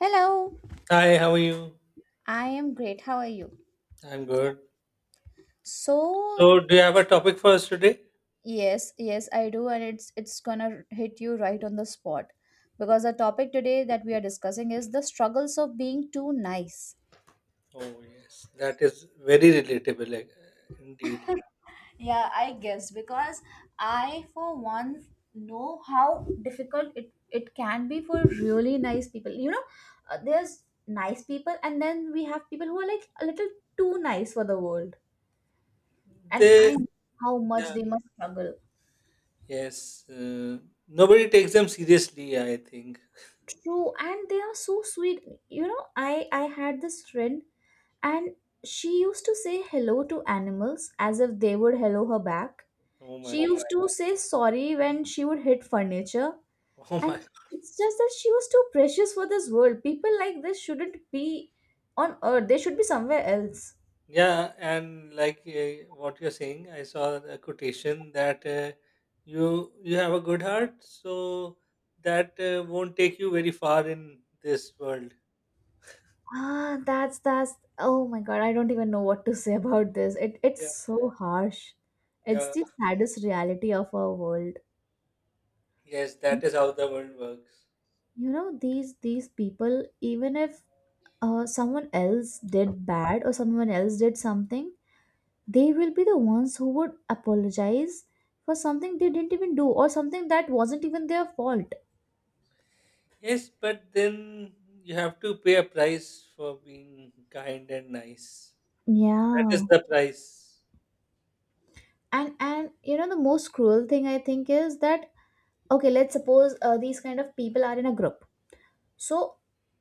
Hello, Hi, how are you? I am great. How are you? I'm good. So, So, do you have a topic for us today? yes, yes, I do, and it's gonna hit you right on the spot because the topic today that we are discussing is the struggles of being too nice. Oh, yes, that is very relatable, indeed. Yeah, I guess because I, for one, know how difficult it can be for really nice people. There's nice people, and then we have people who are like a little too nice for the world, and I They, know how much yeah, they must struggle. yes, uh, nobody takes them seriously, I think. True, and they are so sweet. You know, I had this friend, and she used to say hello to animals as if they would hello her back. Oh my She God. used to say sorry when she would hit furniture, Oh and my. it's just that she was too precious for this world. People like this shouldn't be on earth. They should be somewhere else. Yeah, and what you're saying, I saw a quotation that you have a good heart, so that won't take you very far in this world. Ah, that's that's. Oh my God, I don't even know what to say about this. It's Yeah, so harsh. It's yeah. the saddest reality of our world. Yes, that is how the world works. You know these people, even if someone else did bad or someone else did something, they will be the ones who would apologize for something they didn't even do or something that wasn't even their fault. Yes, but then you have to pay a price for being kind and nice. That Yeah, is the price. and you know the most cruel thing I think is that, okay, let's suppose, these kind of people are in a group, so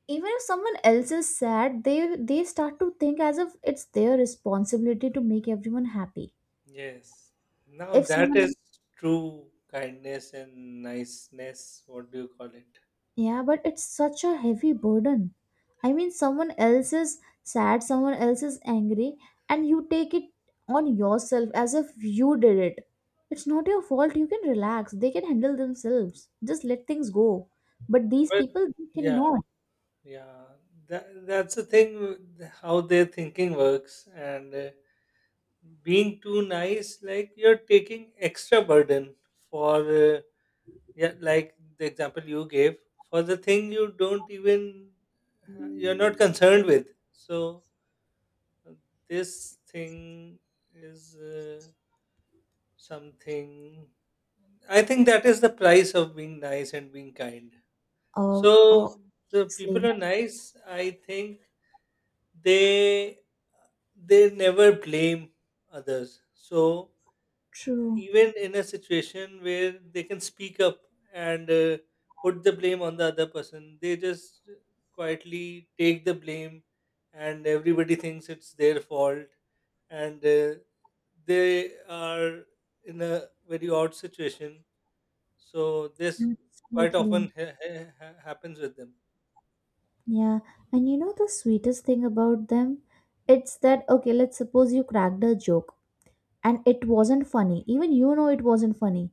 even if someone else is sad, they start to think as if it's their responsibility to make everyone happy. Yes. Now If that someone is true kindness and niceness. What do you call it? Yeah, but it's such a heavy burden. I mean, someone else is sad, someone else is angry, and you take it on yourself as if you did it. It's not your fault. You can relax. They can handle themselves. Just let things go. But these But people, they yeah, cannot. yeah. That's the thing. How their thinking works, and being too nice, like you're taking extra burden for. Yeah, like the example you gave for the thing you don't even you're not concerned with. So uh, this thing is something. I think that is the price of being nice and being kind. Uh, So the people Obviously. are nice. I think they they never blame others. So True. even in a situation where they can speak up and put the blame on the other person they just quietly take the blame and everybody thinks it's their fault and they are in a very odd situation so this quite often Absolutely. Happens with them. Yeah. And you know the sweetest thing about them? It's that, okay, let's suppose you cracked a joke, and it wasn't funny. Even it wasn't funny,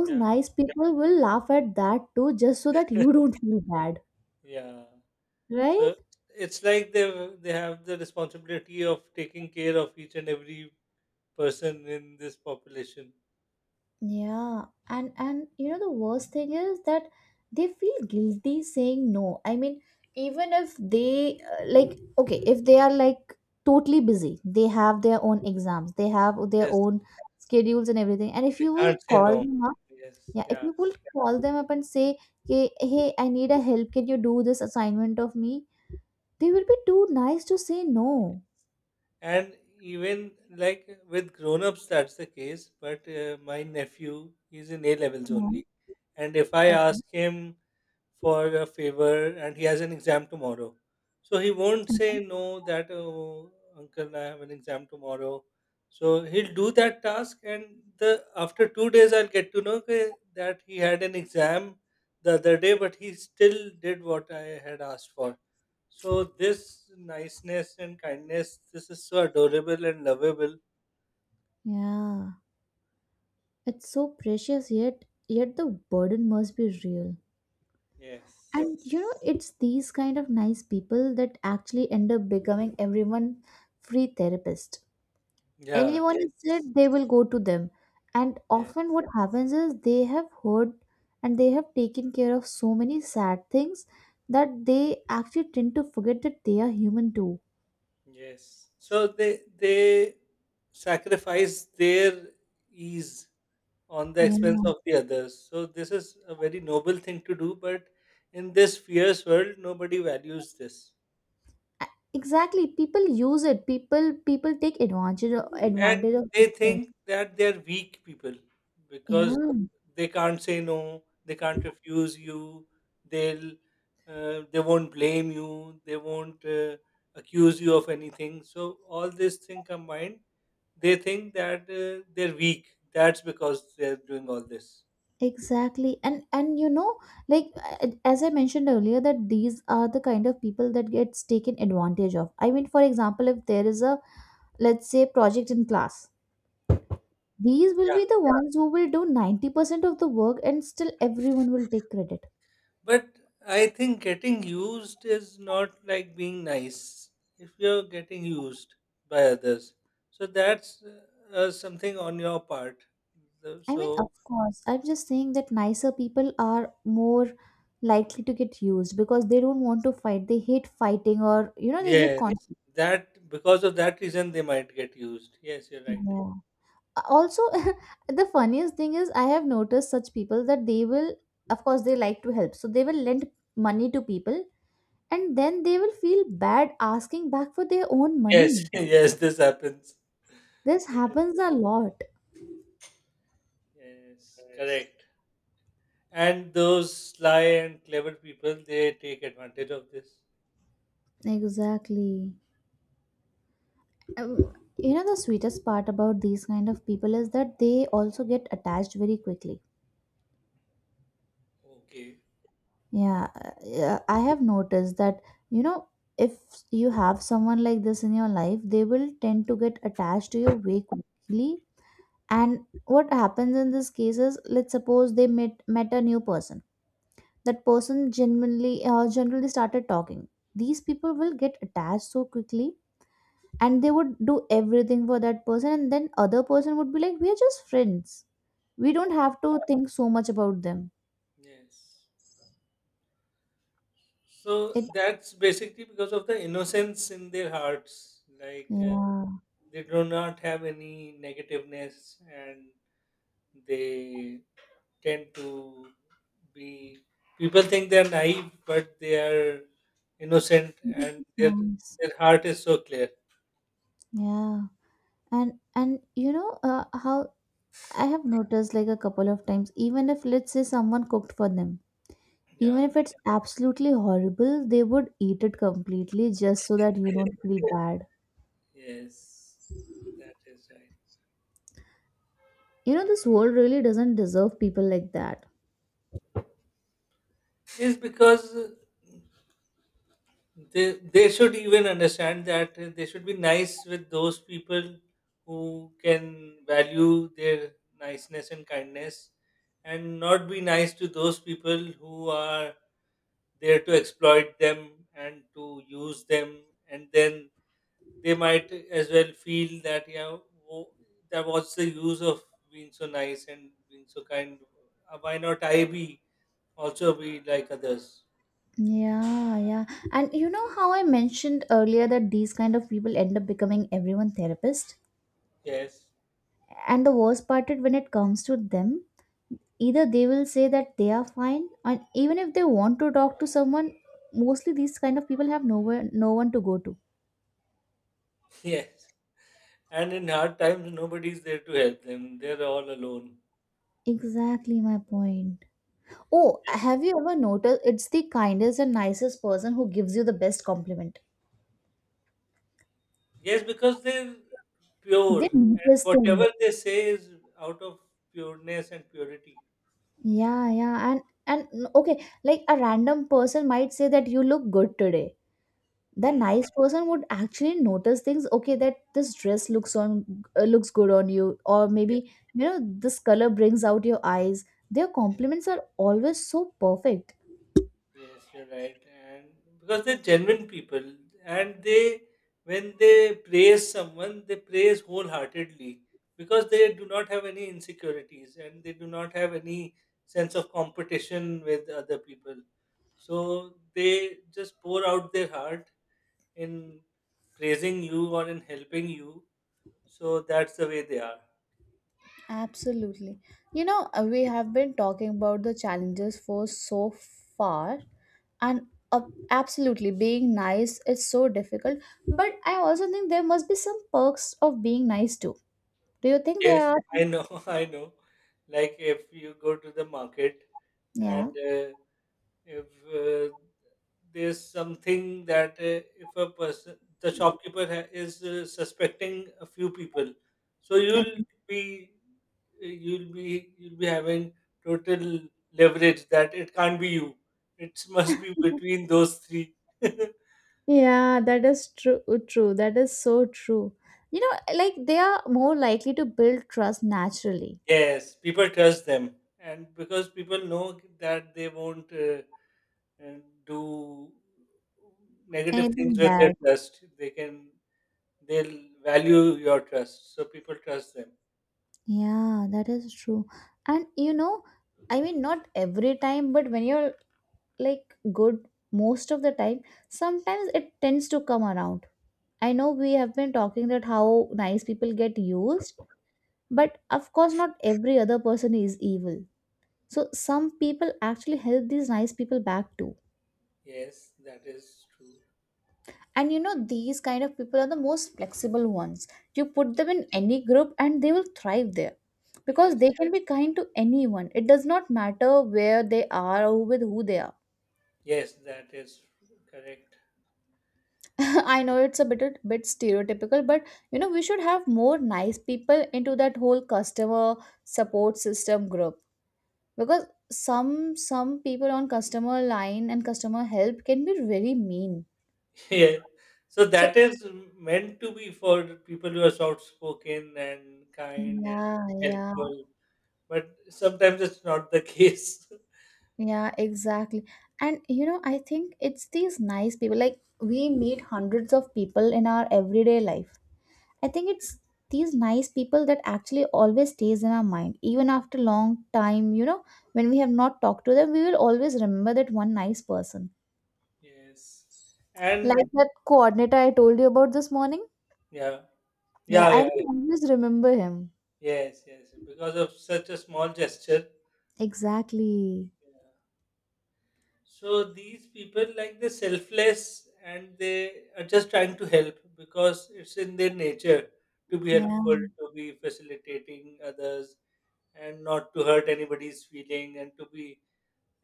Mm, yeah. nice people will laugh at that too just so that you don't feel bad, Yeah, right? so it's like they have the responsibility of taking care of each and every person in this population. Yeah, and you know the worst thing is that they feel guilty saying no. I mean, even if they, like, okay, if they are like totally busy, they have their own exams, they have their Yes, own schedules and everything, and if they you will can't say call no. them up, Yes, yeah, if yeah. you will call them up and say, hey, hey, I need a help, can you do this assignment of me, they will be too nice to say no. And even like with grown-ups, that's the case. But my nephew, he's in A levels No. only. And if I Okay. ask him for a favor and he has an exam tomorrow. So he won't Mhm. say no that, oh, uncle, I have an exam tomorrow. So he'll do that task and the after 2 days I'll get to know that he had an exam the other day, but he still did what I had asked for. So this niceness and kindness, this is so adorable and lovable. Yeah, it's so precious, yet the burden must be real. And Yes. you know, it's these kind of nice people that actually end up becoming everyone free therapist. Yeah. Anyone is Yes. said they will go to them. And often Yes. what happens is they have heard and they have taken care of so many sad things that they actually tend to forget that they are human too. Yes. So they sacrifice their ease on the expense of the others. So this is a very noble thing to do, but in this fierce world, nobody values this. Exactly. People use it. People take advantage of, And this they thing. think that they're weak people because Yeah, they can't say no, they can't refuse you, they'll they won't blame you, they won't accuse you of anything. So all these things combined, they think that they're weak. That's because they're doing all this. exactly. And you know, like, as I mentioned earlier, that these are the kind of people that gets taken advantage of. I mean, for example, if there is a, let's say, project in class, these will be the ones who will do 90% of the work, and still everyone will take credit. But I think getting used is not like being nice if you're getting used by others. So that's something on your part. I mean, So, of course. I'm just saying that nicer people are more likely to get used because they don't want to fight. They hate fighting or, you know, they hate yes, conflict. that because of that reason they might get used. Yes, you're right. Yeah. Also, the funniest thing is, I have noticed such people that they will, of course, they like to help. So they will lend money to people and then they will feel bad asking back for their own Yes, money. yes, this happens. This Yes, happens a lot. yes, correct. And those sly and clever people, they take advantage of this. Exactly. Um, you know, the sweetest part about these kind of people is that they also get attached very quickly. Okay. Yeah, yeah, I have noticed that, you know, if you have someone like this in your life, they will tend to get attached to you way quickly. And what happens in this case is, let's suppose they met a new person. That person genuinely, generally started talking. These people will get attached so quickly, and they would do everything for that person. And then other person would be like, "We are just friends. We don't Yeah. have to think so much about them." Yes. So It that's basically because of the innocence in their hearts. Yeah, They do not have any negativeness and they tend to be. People think they're naive, but they are innocent and nice. their heart is so clear. Yeah. And you know, how I have noticed like a couple of times, even if, let's say, someone cooked for them, even Yeah. if it's absolutely horrible, they would eat it completely just so that you don't feel bad. Yes. That is right. You know, this world really doesn't deserve people like that. Is because they should even understand that they should be nice with those people who can value their niceness and kindness and not be nice to those people who are there to exploit them and to use them and then they might as well feel that yeah wo- that what's the use of being so nice and being so kind. Why not I be also be like others. Yeah, yeah. And you know how I mentioned earlier that these kind of people end up becoming everyone therapist, Yes. and the worst part is when it comes to them, either they will say that they are fine, and even if they want to talk to someone, mostly these kind of people have nowhere, no one to go to. Yes. And in hard times, nobody is there to help them. They're all alone. Exactly my point. Oh, have you ever noticed it's the kindest and nicest person who gives you the best compliment? Yes, because they're pure, They and notice things. whatever they say is out of pureness and purity. Yeah, yeah. And okay, like, a random person might say that you look good today. The Hmm. nice person would actually notice things, okay, that this dress looks on, looks good on you, or Yeah, maybe, you know, this color brings out your eyes. Their yeah, compliments are always so perfect. yes, you're right. And because they're genuine people, and they, when they praise someone, they praise wholeheartedly because they do not have any insecurities and they do not have any sense of competition with other people. So they just pour out their heart in praising you or in helping you. So that's the way they are. Absolutely. You know, we have been talking about the challenges for so far, and, absolutely, being nice is so difficult. But I also think there must be some perks of being nice too. Do you think there Yes, are? I know, I know. Like if you go to the market and Yeah. uh, if uh, there's something that if a person, the shopkeeper is suspecting a few people, so Okay. you'll be you'll be having total leverage that it can't be you. It must be between those three. Yeah, that is true. True. That is so true. You know, like, they are more likely to build trust naturally. Yes, people trust them, and because people know that they won't uh, do negative things Anything with their bad. trust, they'll value your trust. So people trust them. Yeah, that is true. And you know, I mean, not every time, but when you're like good most of the time, sometimes it tends to come around. I know we have been talking that how nice people get used, but of course, not every other person is evil. So some people actually help these nice people back too. Yes, that is true. And you know these kind of people are the most flexible ones. You put them in any group and they will thrive there because Yes, they can be kind to anyone. It does not matter where they are or with who they are. yes, that is correct. I know it's a bit stereotypical, but you know, we should have more nice people into that whole customer support system group, because some some people on customer line and customer help can be very mean. Yeah, so So that is meant to be for people who are soft spoken and kind and yeah, yeah. helpful, but sometimes it's not the case. Yeah, exactly. And you know, I think it's these nice people. Like, we meet hundreds of people in our everyday life. I think it's these nice people that actually always stays in our mind even after long time, you know, when we have not talked to them, we will always remember that one nice person, Yes, and like that coordinator I told you about this morning. yeah, Yeah, yeah, yeah, I yeah, will always remember him. yes, yes, yes. Because of such a small gesture. Exactly. Yeah. So these people, like they're selfless and they are just trying to help because it's in their nature to be Yeah. helpful, to be facilitating others, and not to hurt anybody's feeling, and to be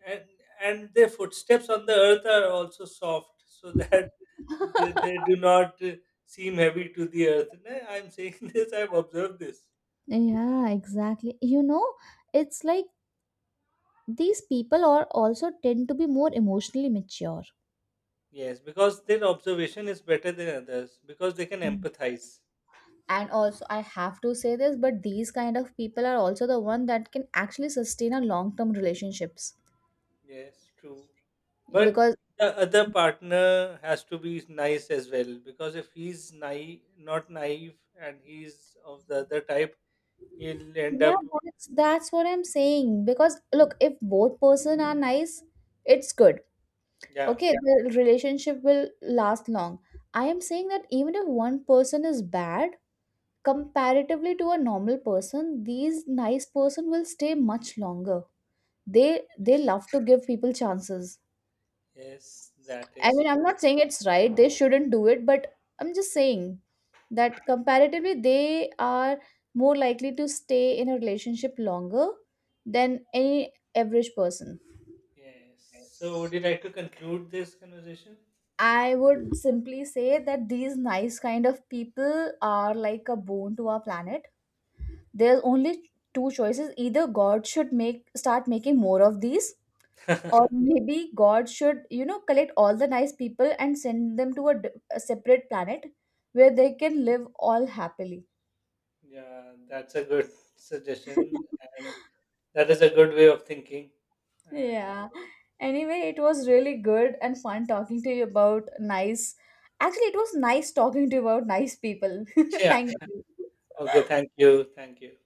and and their footsteps on the earth are also soft, so that they do not seem heavy to the earth. Nah, I'm saying this. I've observed this. Yeah, exactly, you know, it's like these people are also tend to be more emotionally mature. Yes, because their observation is better than others because they can Mm. empathize. And also, I have to say this, but these kind of people are also the one that can actually sustain a long term relationships Yes, true. But because, the other partner has to be nice as well because if he's naive, not naive and he's of the other type, he'll end yeah, up. that's what I'm saying. Because look, if both person are nice, it's good. Yeah, Okay, yeah, the relationship will last long. I am saying that even if one person is bad, comparatively to a normal person, these nice person will stay much longer. They love to give people chances. yes, that I is mean, I'm true. not saying it's right, they shouldn't do it, but I'm just saying that comparatively they are more likely to stay in a relationship longer than any average person. Yes. So, would you like to conclude this conversation? I would simply say that these nice kind of people are like a bone to our planet. There's only two choices: either God should make, start making more of these, or maybe God should, you know, collect all the nice people and send them to a, a separate planet where they can live all happily. Yeah, that's a good suggestion and that is a good way of thinking. And Yeah. Anyway, it was really good and fun talking to you about nice. Actually, it was nice talking to you about nice people. yeah. Thank you. Okay, thank you. Thank you.